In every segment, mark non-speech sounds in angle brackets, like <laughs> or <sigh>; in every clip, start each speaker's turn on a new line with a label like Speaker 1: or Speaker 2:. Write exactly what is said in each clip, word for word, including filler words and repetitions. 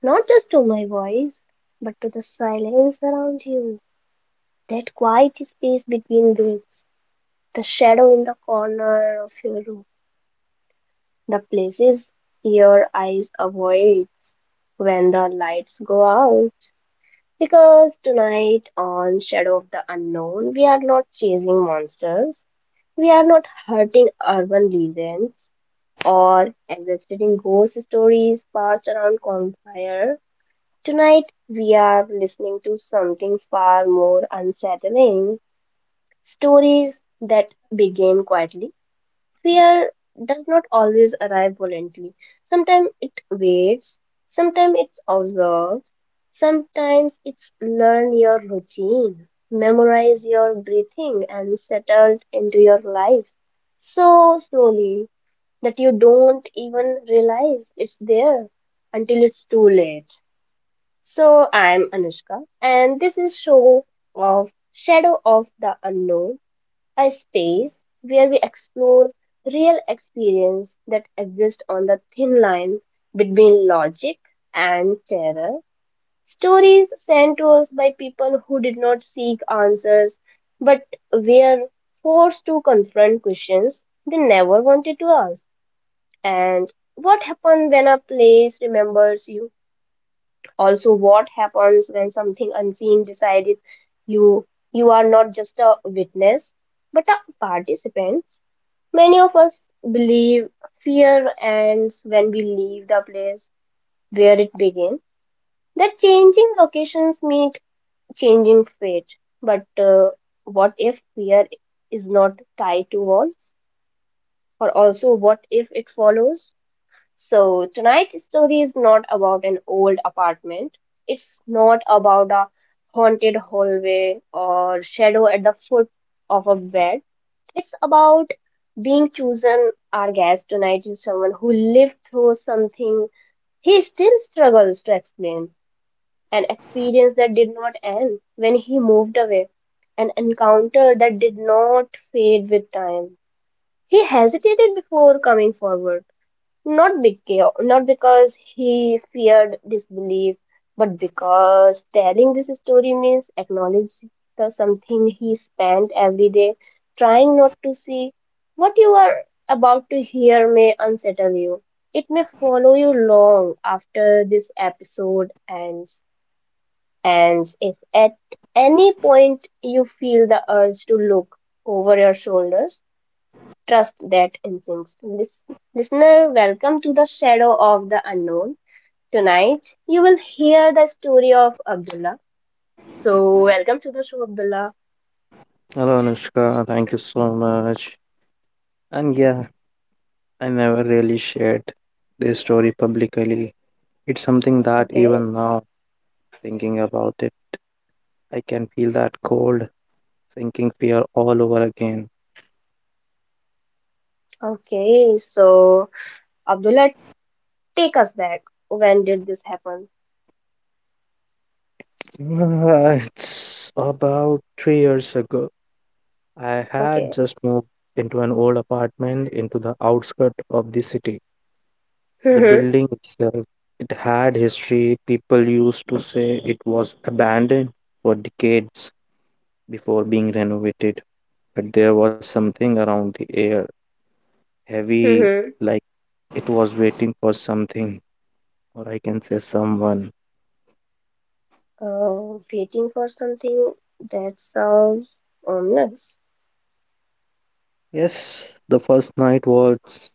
Speaker 1: not just to my voice, but to the silence around you, that quiet space between breaths, the shadow in the corner of your room, the places your eyes avoid when the lights go out. Because tonight, on Shadow of the Unknown, we are not chasing monsters, we are not hurting urban legends, or exhilarating ghost stories passed around campfire. Tonight we are listening to something far more unsettling, stories that begin quietly. Fear does not always arrive violently. Sometimes it waits, sometimes it observes, sometimes it's learn your routine, memorize your breathing and settled into your life so slowly that you don't even realize it's there until it's too late. So, I'm Anushka, and this is show of Shadow of the Unknown, a space where we explore real experience that exist on the thin line between logic and terror. Stories sent to us by people who did not seek answers but were forced to confront questions they never wanted to ask. And what happens when a place remembers you? Also, what happens when something unseen decided you you are not just a witness but a participant? Many of us believe fear ends when we leave the place where it began. That changing locations mean changing fate. But uh, what if fear is not tied to walls? Or also, what if it follows? So, tonight's story is not about an old apartment. It's not about a haunted hallway or shadow at the foot of a bed. It's about being chosen. Our guest tonight is someone who lived through something he still struggles to explain, an experience that did not end when he moved away, an encounter that did not fade with time. He hesitated before coming forward not because, not because he feared disbelief, but because telling this story means acknowledging the something he spent every day trying not to see. What you are about to hear may unsettle you. It may follow you long after this episode ends. And if at any point you feel the urge to look over your shoulders, trust that instinct. Lis- listener, welcome to the Shadow of the Unknown. Tonight, you will hear the story of Abdullah. So, welcome to the show, Abdullah.
Speaker 2: Hello Anushka, thank you so much. And yeah, I never really shared this story publicly. It's something that
Speaker 1: Okay,
Speaker 2: even now, thinking about it, I can feel that cold, sinking fear all over again.
Speaker 1: okay. So, Abdullah, take us back. When did this happen?
Speaker 2: <laughs> Uh, It's about three years ago. I had
Speaker 1: Okay.
Speaker 2: just moved into an old apartment into the outskirt of the city. The
Speaker 1: Mm-hmm.
Speaker 2: building itself, it had history. People used to say it was abandoned for decades before being renovated, but there was something around the air, heavy,
Speaker 1: Mm-hmm.
Speaker 2: like it was waiting for something, or I can say someone.
Speaker 1: Uh, waiting for something that sounds ominous.
Speaker 2: Yes, the first night was.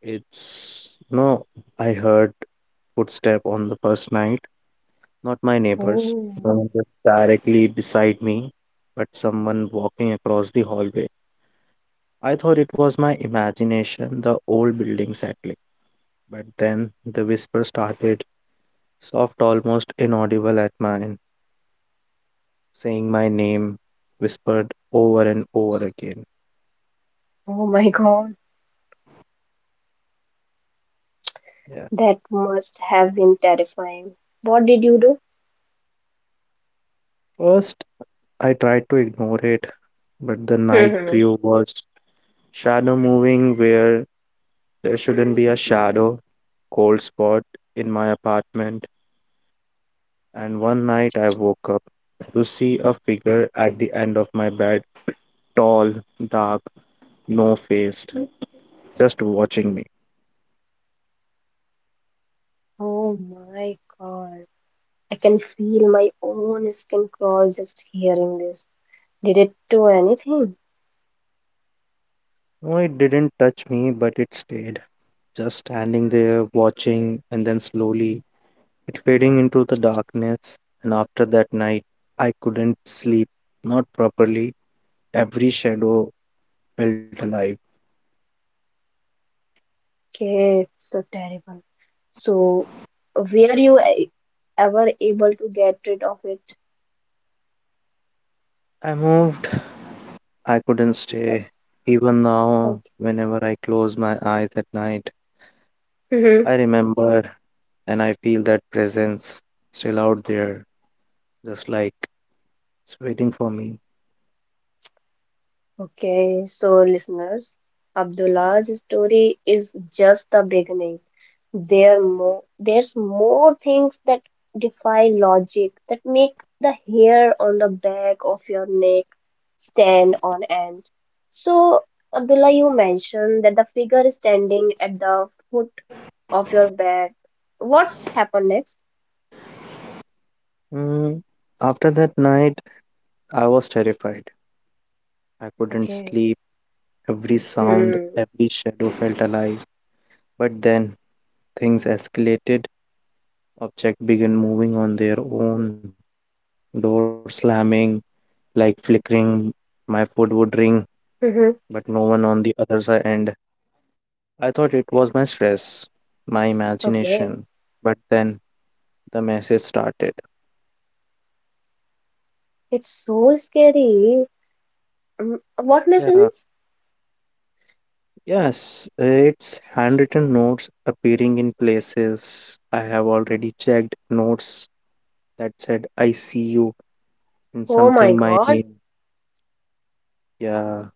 Speaker 2: It's. No, I heard footstep on the first night, not my neighbors,
Speaker 1: Oh,
Speaker 2: no one was directly beside me, but someone walking across the hallway. I thought it was my imagination, the old building settling. But then the whisper started, soft, almost inaudible at mine, saying my name, whispered over and over again.
Speaker 1: oh my God.
Speaker 2: Yeah.
Speaker 1: That must have been terrifying. What did you
Speaker 2: First, I tried to ignore it, but the night
Speaker 1: do?
Speaker 2: grew
Speaker 1: <laughs>
Speaker 2: worse. Shadow moving where there shouldn't be a shadow, cold spot in my apartment. And one night I woke up to see a figure at the end of my bed, tall, dark, no faced, just watching me.
Speaker 1: Oh my God. I can feel my own skin crawl just hearing this. Did it do anything?
Speaker 2: No, it didn't touch me, but it stayed, just standing there, watching, and then slowly it fading into the darkness. And after that night I couldn't sleep, not properly. Every shadow felt alive.
Speaker 1: Okay, so terrible. So, were you e- ever able to get rid of it?
Speaker 2: I moved, I couldn't stay. Even now, whenever I close my eyes at night,
Speaker 1: Okay.
Speaker 2: I remember and I feel that presence still out there, just like it's waiting for me.
Speaker 1: Okay, so listeners, Abdullah's story is just the beginning. There more, there's more things that defy logic, that make the hair on the back of your neck stand on end. So, Abdullah, you mentioned that the figure is standing at the foot of your bed. What's happened next?
Speaker 2: Mm. After that night I was terrified, I couldn't
Speaker 1: Okay.
Speaker 2: sleep. Every sound,
Speaker 1: Hmm.
Speaker 2: every shadow felt alive, but then things escalated. Objects begin moving on their own, door slamming, like flickering. My food would ring, but no
Speaker 1: Mm-hmm.
Speaker 2: one on the other side. And I thought it was my stress, my imagination.
Speaker 1: Okay.
Speaker 2: But then the message started.
Speaker 1: It's so scary. Um, what
Speaker 2: Yeah,
Speaker 1: lessons?
Speaker 2: yes, it's handwritten notes appearing in places I have already checked. Notes that said I see you and
Speaker 1: Oh my
Speaker 2: something my
Speaker 1: God,
Speaker 2: name. Yeah,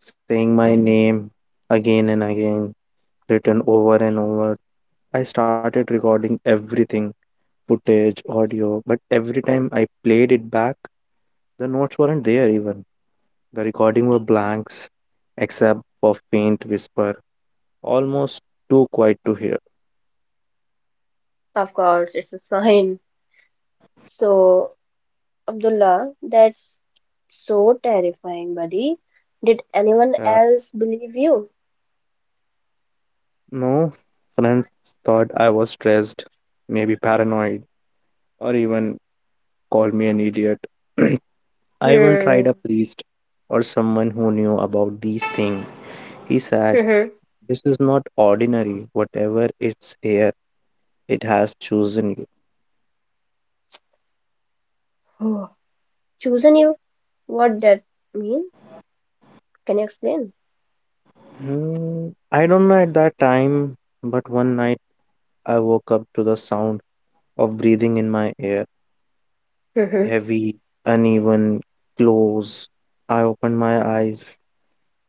Speaker 2: saying my name again and again, written over and over. I started recording everything, footage, audio, but every time I played it back, the notes weren't there even. The recording were blanks, except for faint whisper, almost too quiet to hear.
Speaker 1: of course, it's a sign. So, Abdullah, that's so terrifying, buddy. Did anyone
Speaker 2: Yeah.
Speaker 1: else believe you?
Speaker 2: No, friends thought I was stressed, maybe paranoid, or even called me an idiot. <clears throat> I even
Speaker 1: Hmm.
Speaker 2: tried a priest or someone who knew about these things. He said
Speaker 1: <laughs>
Speaker 2: this is not ordinary. Whatever it's here, it has chosen you.
Speaker 1: Mhm. Chosen you? What that mean? Can you explain?
Speaker 2: Hmm, I don't know at that time, but one night I woke up to the sound of breathing in my ear.
Speaker 1: <laughs> Mhm.
Speaker 2: Heavy, uneven, close. I opened my eyes,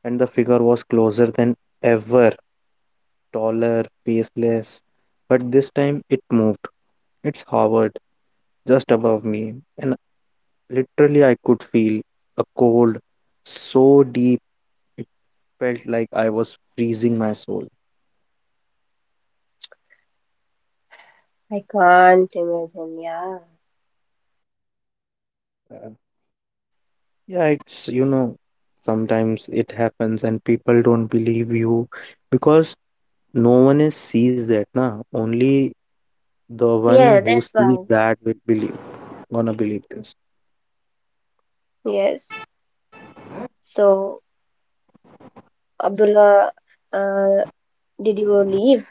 Speaker 2: and the figure was closer than ever, taller, faceless. But this time it moved. It's hovered just above me, and literally I could feel a cold so deep, felt like I was freezing my soul.
Speaker 1: I can't imagine, yeah.
Speaker 2: Uh, yeah, it's, you know, sometimes it happens and people don't believe you because no one is sees that, na. Only the one
Speaker 1: Yeah,
Speaker 2: who
Speaker 1: that's
Speaker 2: sees
Speaker 1: why.
Speaker 2: that will believe, gonna believe this.
Speaker 1: Yes. So, Abdullah, uh, did you leave?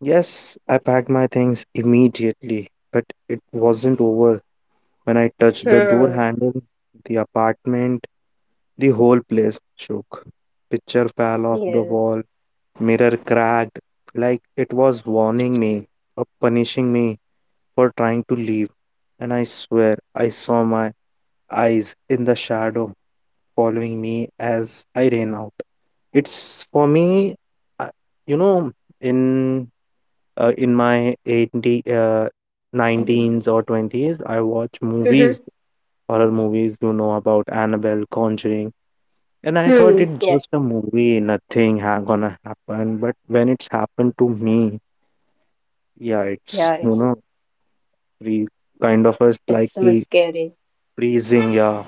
Speaker 2: Yes, I packed my things immediately, but it wasn't over. When I touched the door
Speaker 1: Hmm.
Speaker 2: handle, the apartment, the whole place shook. Picture fell off the
Speaker 1: Yes.
Speaker 2: wall, mirror cracked, like it was warning me or punishing me for trying to leave. And I swear I saw my eyes in the shadow following me as I ran out. It's for me, I- you know, in uh, in my eighty, uh, nineteens or twenties, I watch
Speaker 1: <laughs> Hmm.
Speaker 2: movies, horror movies, you know, about Annabelle, Conjuring. And I thought
Speaker 1: Hmm.
Speaker 2: it's
Speaker 1: Yeah.
Speaker 2: just a movie, nothing ha- gonna happen. But when it's happened to me, yeah, it's,
Speaker 1: Yeah,
Speaker 2: you
Speaker 1: it's
Speaker 2: know, pre kind of a like
Speaker 1: it's so
Speaker 2: a
Speaker 1: scary.
Speaker 2: freezing. Yeah.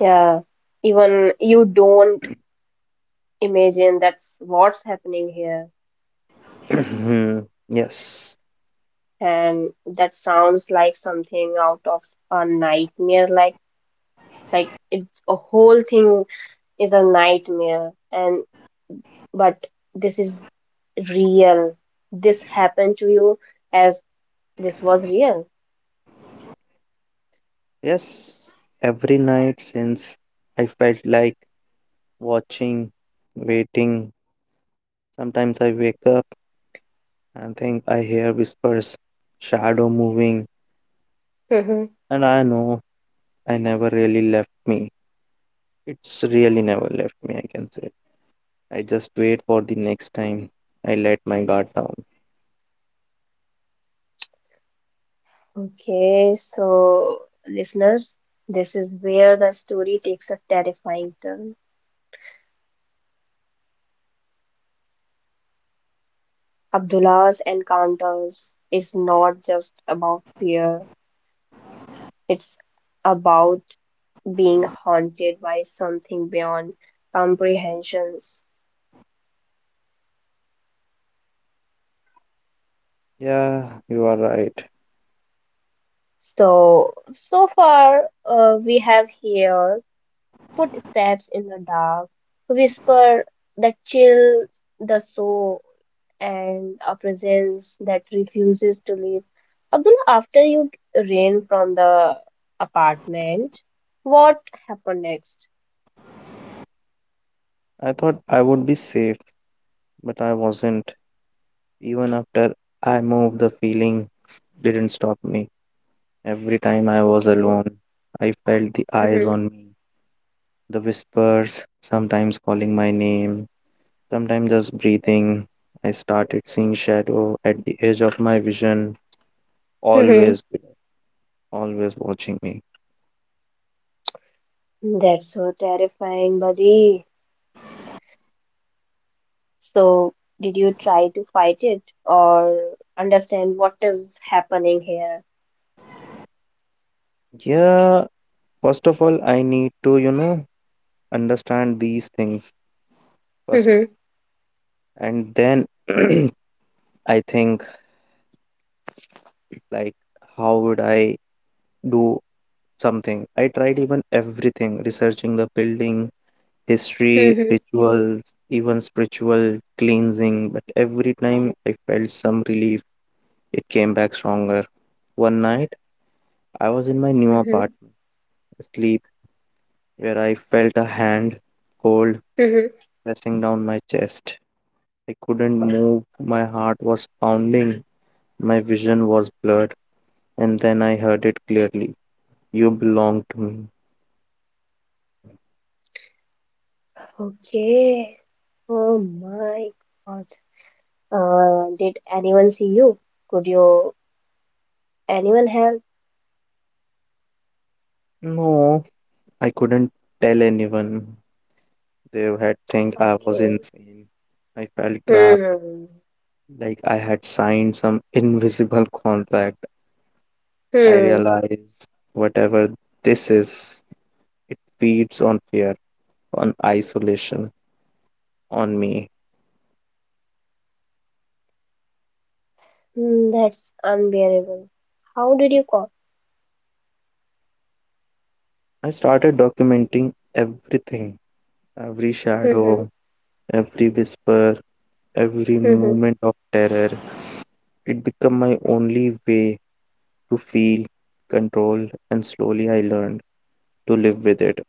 Speaker 1: Yeah, even you don't imagine that's what's happening here,
Speaker 2: <clears throat> Mhm. Yes,
Speaker 1: and that sounds like something out of a nightmare. Like like it's a whole thing is a nightmare, and but this is real. This happened to you as this was real.
Speaker 2: yes. Every night since I felt like watching, waiting. Sometimes I wake up and think I hear whispers, shadow moving,
Speaker 1: Mhm.
Speaker 2: and I know I never really left me. It's really never left me, I can say. I just wait for the next time I let my guard down.
Speaker 1: Okay, so listeners, this is where the story takes a terrifying turn. Abdullah's encounters is not just about fear, it's about being haunted by something beyond comprehensions.
Speaker 2: Yeah, you are right.
Speaker 1: So, so far, uh, we have here footsteps in the dark, whisper that chill the soul, and a presence that refuses to leave. Abdullah, after you ran from the apartment, what happened next?
Speaker 2: I thought I would be safe, but I wasn't. Even after I moved, the feeling didn't stop me. Every time I was
Speaker 1: Okay.
Speaker 2: alone, I felt the eyes
Speaker 1: Mm-hmm.
Speaker 2: on me, the whispers, sometimes calling my name, sometimes just breathing. I started seeing shadow at the edge of my vision,
Speaker 1: Mm-hmm.
Speaker 2: always, always watching me.
Speaker 1: <laughs> That's so terrifying, buddy. So, did you try to fight it or understand what is happening here?
Speaker 2: Yeah, first of all, I need to, you know, understand these things first,
Speaker 1: Mm-hmm.
Speaker 2: and then <clears throat> I think like how would I do something. I tried even everything, researching the building, history,
Speaker 1: Mm-hmm.
Speaker 2: rituals, even spiritual cleansing, but every time I felt some relief, it came back stronger. One night, I was in my new
Speaker 1: Mm-hmm.
Speaker 2: apartment, asleep, where I felt a hand, cold,
Speaker 1: Mm-hmm.
Speaker 2: pressing down my chest. I couldn't move, my heart was pounding, my vision was blurred, and then I heard it clearly. You belong to me.
Speaker 1: Okay. Oh my God. Uh, did anyone see you? Could you anyone help?
Speaker 2: No, I couldn't tell anyone. They had think I was
Speaker 1: Okay.
Speaker 2: insane. I felt trapped,
Speaker 1: Hmm.
Speaker 2: like I had signed some invisible contract. I
Speaker 1: Hmm.
Speaker 2: realized whatever this is, it feeds on fear, on isolation, on me.
Speaker 1: Hmm. That's unbearable. How did you call?
Speaker 2: I started documenting everything, every
Speaker 1: Mm-hmm.
Speaker 2: shadow, every whisper, every
Speaker 1: Mm-hmm.
Speaker 2: moment of terror. It became my only way to feel, control, and slowly I learned to live with it.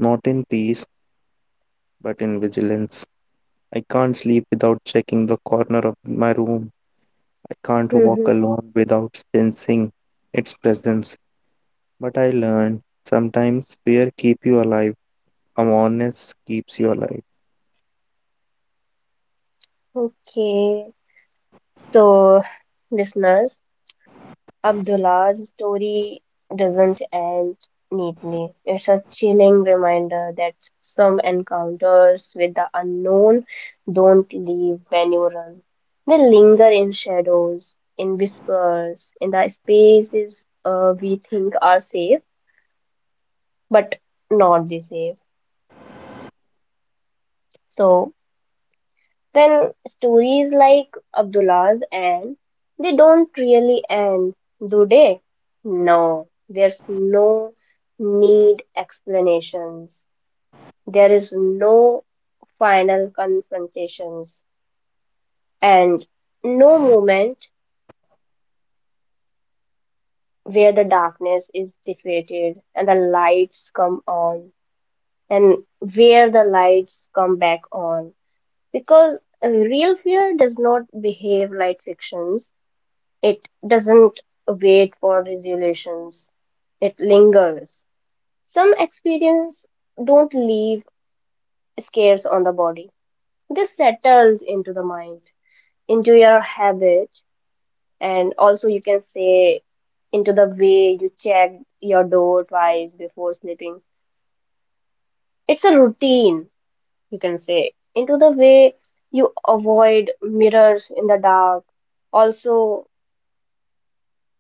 Speaker 2: Not in peace, but in vigilance. I can't sleep without checking the corner of my room. I can't walk
Speaker 1: Mm-hmm.
Speaker 2: alone without sensing its presence. But I learned sometimes fear keep you alive. Awareness keeps you alive.
Speaker 1: Okay. So, listeners, Abdullah's story doesn't end neatly. It's a chilling reminder that some encounters with the unknown don't leave when you run. They linger in shadows, in whispers, in the spaces uh, we think are safe, but not the safe. So, well, stories like Abdullah's end they don't really end, do they? No, there's no need explanations. There is no final confrontations and no moment where the darkness is defeated and the lights come on and where the lights come back on because real fear does not behave like fictions. It doesn't wait for resolutions, it lingers. Some experiences don't leave scars on the body. This settles into the mind, into your habit, and also you can say into the way you check your door twice before sleeping. It's a routine, you can say, into the way you avoid mirrors in the dark. Also,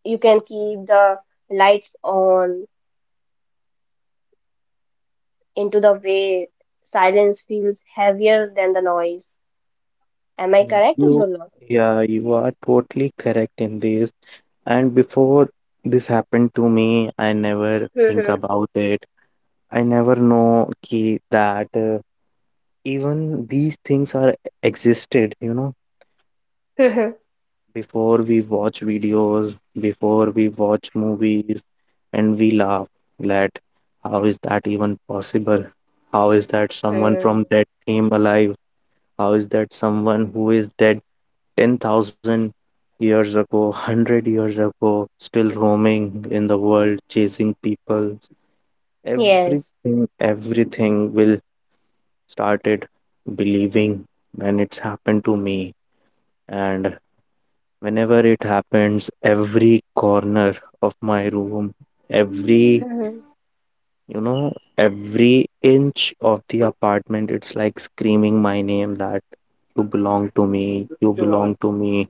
Speaker 1: you can keep the lights on into the way silence feels heavier than the noise. Am I
Speaker 2: And
Speaker 1: correct,
Speaker 2: you,
Speaker 1: Abdullah?
Speaker 2: yeah, you are totally correct in this. And before this happened to me, I never think about it. I never know ki that uh, even these things are existed, you know. Before we watch videos, before we watch movies, and we laugh that how is that even possible? How is that someone from dead came alive? How is that someone who is dead ten thousand years ago, <laughs> one hundred years ago, still roaming in the world, chasing people?
Speaker 1: Yes.
Speaker 2: Everything, everything will started believing and it's happened to me. And whenever it happens, every corner of my room, every, you know, every inch of the apartment, it's like screaming my name that you belong to me, you belong to me,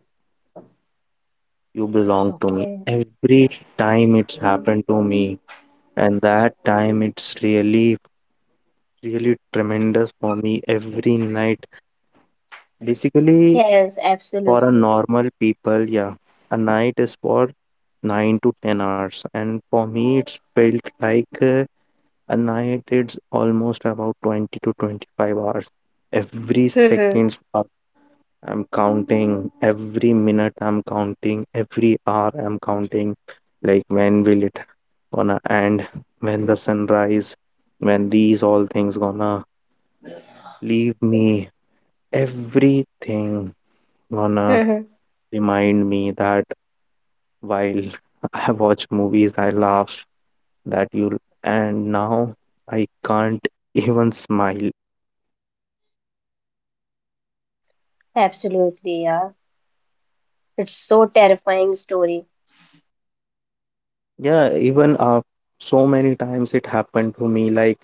Speaker 2: you belong to me
Speaker 1: Okay.
Speaker 2: every time it's happened to me. And that time it's really really tremendous for me, every night basically.
Speaker 1: Yes,
Speaker 2: For a
Speaker 1: absolutely.
Speaker 2: normal people, yeah, a night is for nine to ten hours, and for me it's felt like uh, a night it's almost about twenty to twenty-five hours. every seconds are- I'm counting, every minute I'm counting, every hour I'm counting, like when will it gonna end, when the sunrise, when these all things gonna leave me. Everything gonna remind me that while <laughs> I watch movies I laugh that you'll, and now I can't <laughs> even smile.
Speaker 1: Absolutely, yeah. It's so terrifying story.
Speaker 2: Yeah, even uh, so many times it happened to me. Like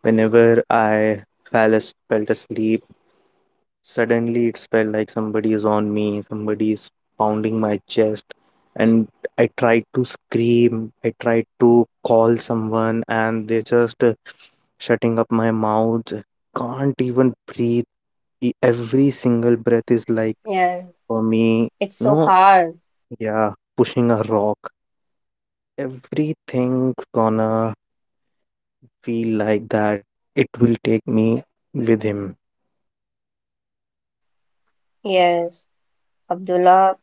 Speaker 2: whenever I fell as fell asleep, suddenly it felt like somebody is on me, somebody is pounding my chest, and I tried to scream, I tried to call someone, and they just uh, shutting up my mouth, can't even breathe. E- every single breath is like
Speaker 1: Yeah.
Speaker 2: for me,
Speaker 1: It's so
Speaker 2: no.
Speaker 1: hard.
Speaker 2: Yeah, pushing a rock. Everything's gonna feel like that. It will take me with him.
Speaker 1: Yes. Abdullah,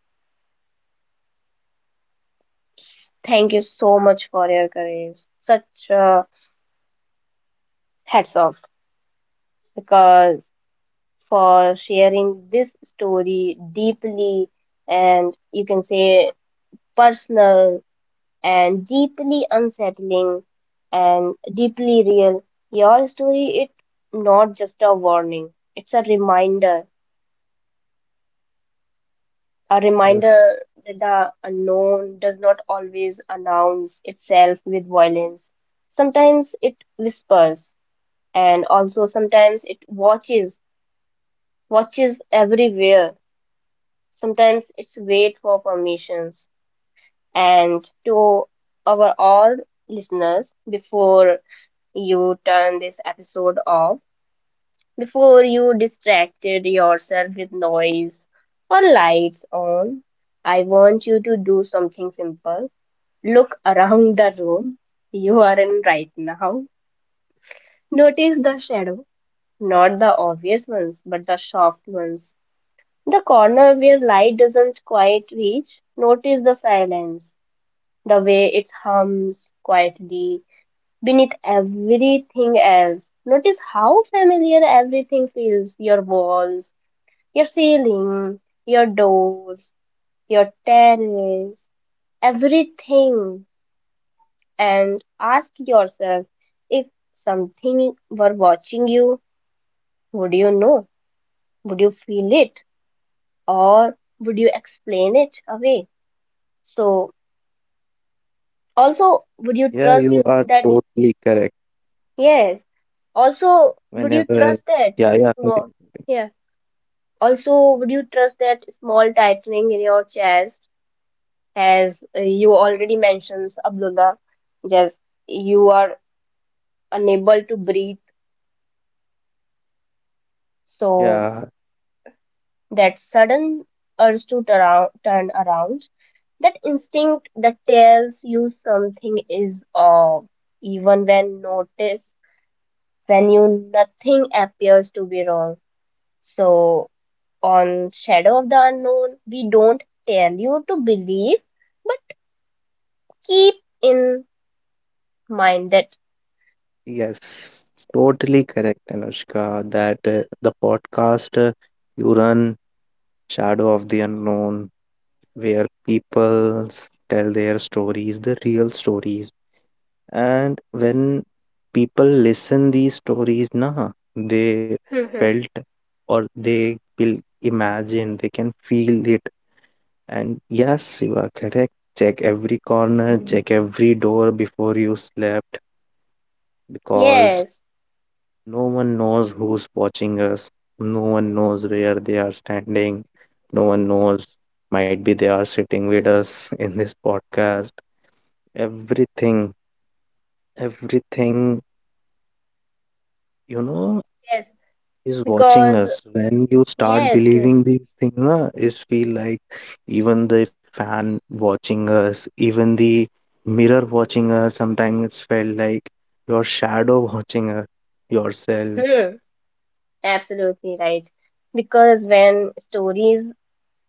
Speaker 1: s- thank you so much for your courage. Such a hats off. Because for sharing this story deeply and you can say personal and deeply unsettling and deeply real. Your story its not just a warning, it's a reminder. A
Speaker 2: Yes.
Speaker 1: reminder that the unknown does not always announce itself with violence. Sometimes it whispers and also sometimes it watches, watches everywhere. Sometimes it's wait for permissions. And to our all listeners, before you turn this episode off, before you distracted yourself with noise or lights on, I want you to do something simple. Look around the room you are in right now. Notice the shadow, not the obvious ones, but the soft ones. The corner where light doesn't quite reach, notice the silence. The way it hums quietly beneath everything else. Notice how familiar everything feels, your walls, your ceiling, your doors, your terrace, everything. And ask yourself, if something were watching you, would you know? Would you feel it? Or would you explain it away? So, also, would you
Speaker 2: Yeah,
Speaker 1: trust
Speaker 2: you are
Speaker 1: that?
Speaker 2: totally correct.
Speaker 1: Yes, also, would you
Speaker 2: Whenever,
Speaker 1: trust that
Speaker 2: yeah, yeah,
Speaker 1: small?
Speaker 2: continue.
Speaker 1: Yeah. Also, would you trust that small tightening in your chest, as uh, you already mentioned, Abdullah? Yes, you are unable to breathe. So
Speaker 2: yeah,
Speaker 1: that sudden urge to turn turn around, that instinct that tells you something is off, even when notice when you nothing appears to be wrong. So. On Shadow of the Unknown, we don't tell you to believe, but keep in mind that.
Speaker 2: yes, totally correct, Anushka, that uh, the podcast uh, you run, Shadow of the Unknown, where people tell their stories, the real stories, and when people listen these stories na they felt or they will imagine they can feel it. And yes, you are correct, check every corner, check every door before you slept,
Speaker 1: <laughs>
Speaker 2: because
Speaker 1: Yes,
Speaker 2: no one knows who's watching us, no one knows where they are standing, no one knows, might be they are sitting with us <laughs> in this podcast. Everything, everything, you know,
Speaker 1: yes,
Speaker 2: is watching
Speaker 1: because,
Speaker 2: us. When you start
Speaker 1: yes, yes.
Speaker 2: believing these things, na, is feel like even the fan watching us, even the mirror watching us. Sometimes it's felt like your shadow <laughs> watching us, yourself.
Speaker 1: Hmm, absolutely right. Because when stories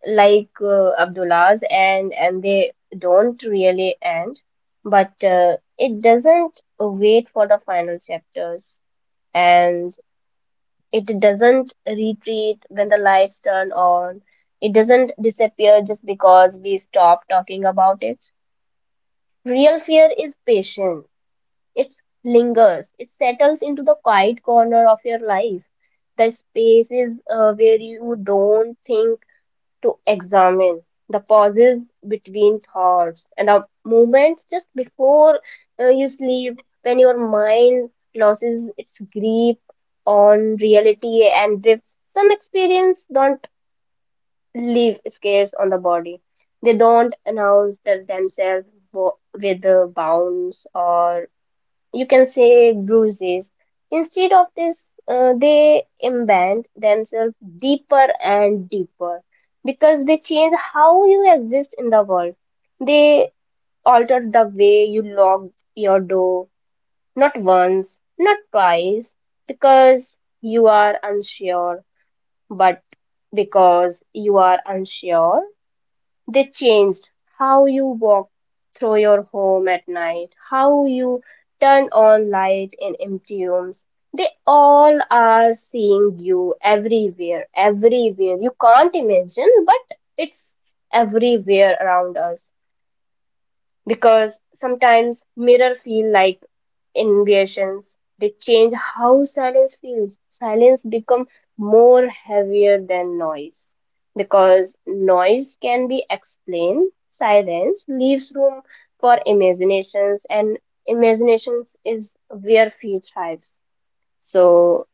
Speaker 1: like uh, Abdullah's end, and they don't really end, but uh, it doesn't wait for the final chapters. And it doesn't retreat when the lights turn on. It doesn't disappear just because we stop talking about it. Real fear is patient. It lingers. It settles into the quiet corner of your life. The spaces uh, where you don't think to examine the pauses between thoughts and the moments just before uh, you sleep when your mind loses its grip on reality and drifts. Some experience don't leave scars on the body. They don't announce their- themselves wo- with uh, bounds or you can say bruises. Instead of this, uh, they embed themselves deeper and deeper because they change how you exist in the world. They alter the way you lock your door, not once, not twice, because you are unsure, but because you are unsure. They changed how you walk through your home at night, how you turn on light in empty rooms. They all are seeing you everywhere, everywhere. You can't imagine, but it's everywhere around us because sometimes mirror feel like invasions. They change how silence feels. Silence become more heavier than noise because noise can be explained. Silence leaves room for imaginations, and imaginations is where fear thrives. So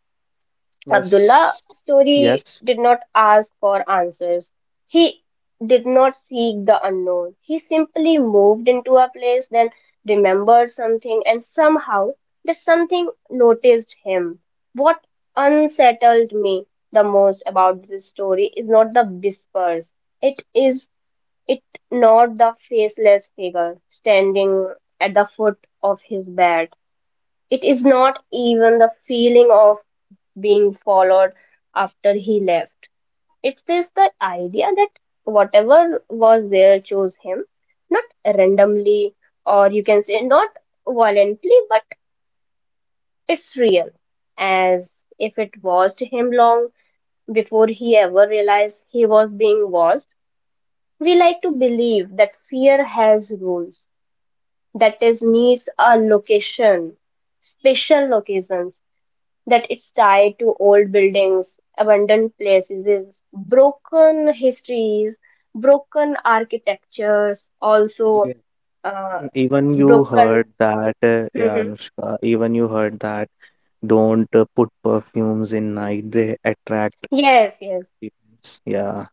Speaker 1: Abdullah's
Speaker 2: Yes,
Speaker 1: story
Speaker 2: yes,
Speaker 1: did not ask for answers. He did not seek the unknown. He simply moved into a place, then remembered something, and somehow that something noticed him. What unsettled me the most about this story is not the whispers. It is it not the faceless figure standing at the foot of his bed. It is not even the feeling of being followed after he left. It is the idea that whatever was there chose him, not randomly, or you can say not violently, but it's real, as if it was to him long before he ever realized he was being watched. We like to believe that fear has rules, that is, needs a location, special locations that it's tied to old buildings, abandoned places, broken histories, broken architectures,
Speaker 2: yeah.
Speaker 1: also uh,
Speaker 2: Mm, even you
Speaker 1: broken.
Speaker 2: heard that, uh, yeah,
Speaker 1: Mhm.
Speaker 2: Anushka. Even you heard that. Don't uh, put perfumes in night; they attract.
Speaker 1: Yes, yes.
Speaker 2: <laughs> Demons. Yeah.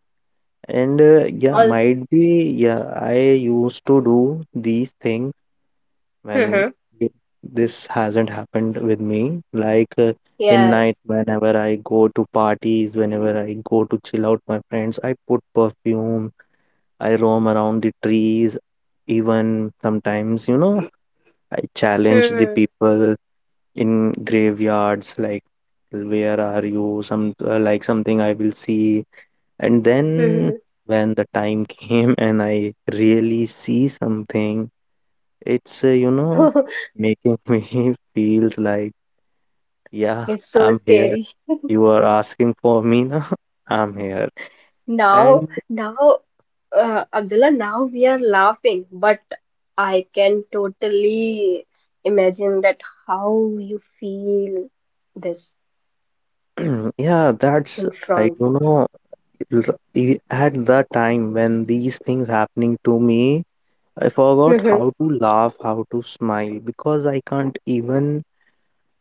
Speaker 2: And uh, yeah,
Speaker 1: Also,
Speaker 2: might be, yeah, I used to do these things when
Speaker 1: mhm,
Speaker 2: it- this hasn't happened with me. Like uh, in night,
Speaker 1: yes.
Speaker 2: whenever I go to parties, whenever I go to chill out my friends, I put perfume, I roam around the trees. Even sometimes, you know, I challenge the
Speaker 1: Mhm.
Speaker 2: people in graveyards, like, where are you? Some uh, like something I will see. And then
Speaker 1: Mhm.
Speaker 2: when the time <laughs> came and I really see something, it's, uh, you know,
Speaker 1: <laughs>
Speaker 2: making <laughs> me feels like, yeah,
Speaker 1: It's so
Speaker 2: I'm here.
Speaker 1: scary.
Speaker 2: You are asking for me now. <laughs> I'm here.
Speaker 1: Now,
Speaker 2: And
Speaker 1: now, uh, Abdullah, now we are laughing, but I can totally imagine that how you feel this
Speaker 2: <clears throat> yeah, that's
Speaker 1: in
Speaker 2: like,
Speaker 1: front.
Speaker 2: you know, r- e- at that time when these things happening to me, I forgot
Speaker 1: Hmm.
Speaker 2: how to laugh, how to smile because I can't even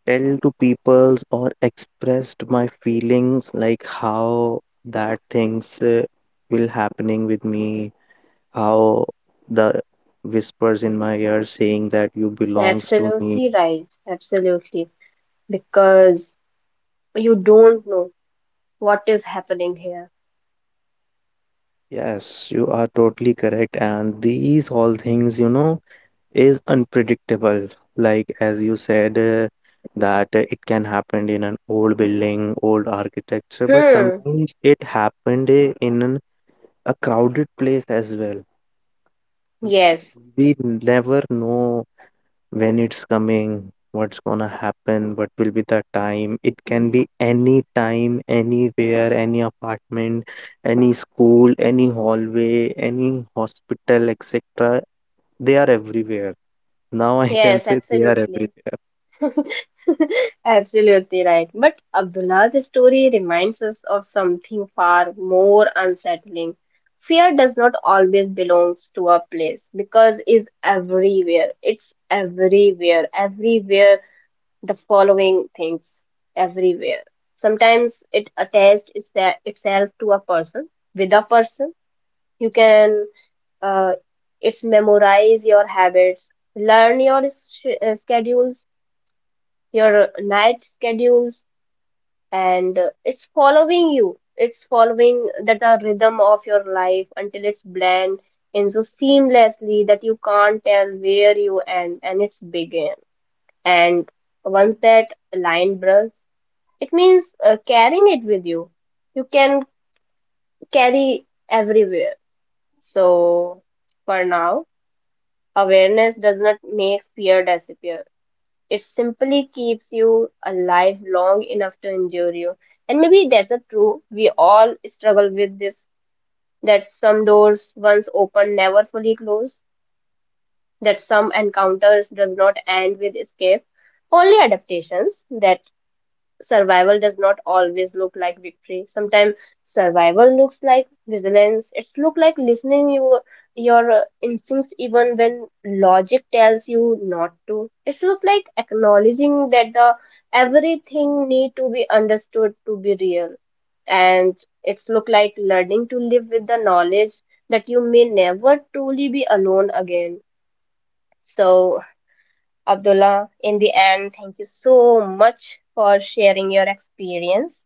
Speaker 2: tell to peoples or expressed my feelings like how that things uh, will happening with me, how the whispers in my ear saying that you belongs to me.
Speaker 1: Absolutely right. Absolutely. Because you don't know what is happening here.
Speaker 2: Yes, you are totally correct, and these all things, you know, is unpredictable, like as you said, uh, that uh, it can happen in an old building, old architecture, but
Speaker 1: Hmm.
Speaker 2: sometimes it happened uh, in an, a crowded place as well.
Speaker 1: Yes.
Speaker 2: We never know when it's coming, what's gonna happen, what will be the time. It can be any time, anywhere, any apartment, any school, any hallway, any hospital, et cetera. They are everywhere. Now I can
Speaker 1: Yes,
Speaker 2: say they are
Speaker 1: absolutely.
Speaker 2: everywhere.
Speaker 1: <laughs> Absolutely right. But Abdullah's story reminds us of something far more unsettling. Fear does not always belong to a place because it's everywhere. It's everywhere, everywhere the following things everywhere. Sometimes it attaches itself to a person. With a person, you can uh, it's memorize your habits, learn your sch- uh, schedules, your night schedules, and uh, it's following you. It's following that the rhythm of your life until it's blend in so seamlessly that you can't tell where you end and it's begin. And once that line blurs it means uh, carrying it with you. You can carry everywhere. So, for now, awareness does not make fear disappear. It simply keeps you alive long enough to endure you. And maybe that's a true. We all struggle with this that some doors once open never fully close, that some encounters does not end with escape. Only adaptations that survival does not always look like victory. Sometimes survival looks like resilience. It's look like listening your your uh, instincts even when logic tells you not to. It's look like acknowledging that the everything need to be understood to be real. And it's look like learning to live with the knowledge that you may never truly be alone again. So Abdullah, in the end, thank you so much for sharing your experience.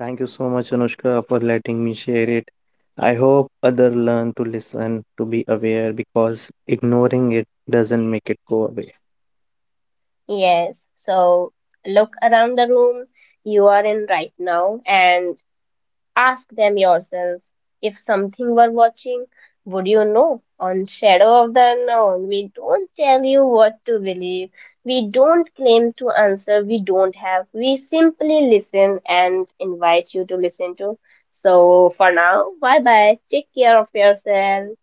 Speaker 2: Thank you so much, Anushka, for letting me share it. I hope other learn to listen, to be aware, because ignoring it doesn't make it go away.
Speaker 1: Yes, so look around the room you are in right now and ask them yourself, if something were watching, would you know? On Shadow of the Unknown, we don't tell you what to believe. We don't claim to answer. We don't have. We simply listen and invite you to listen to. So for now, bye bye. Take care of yourself.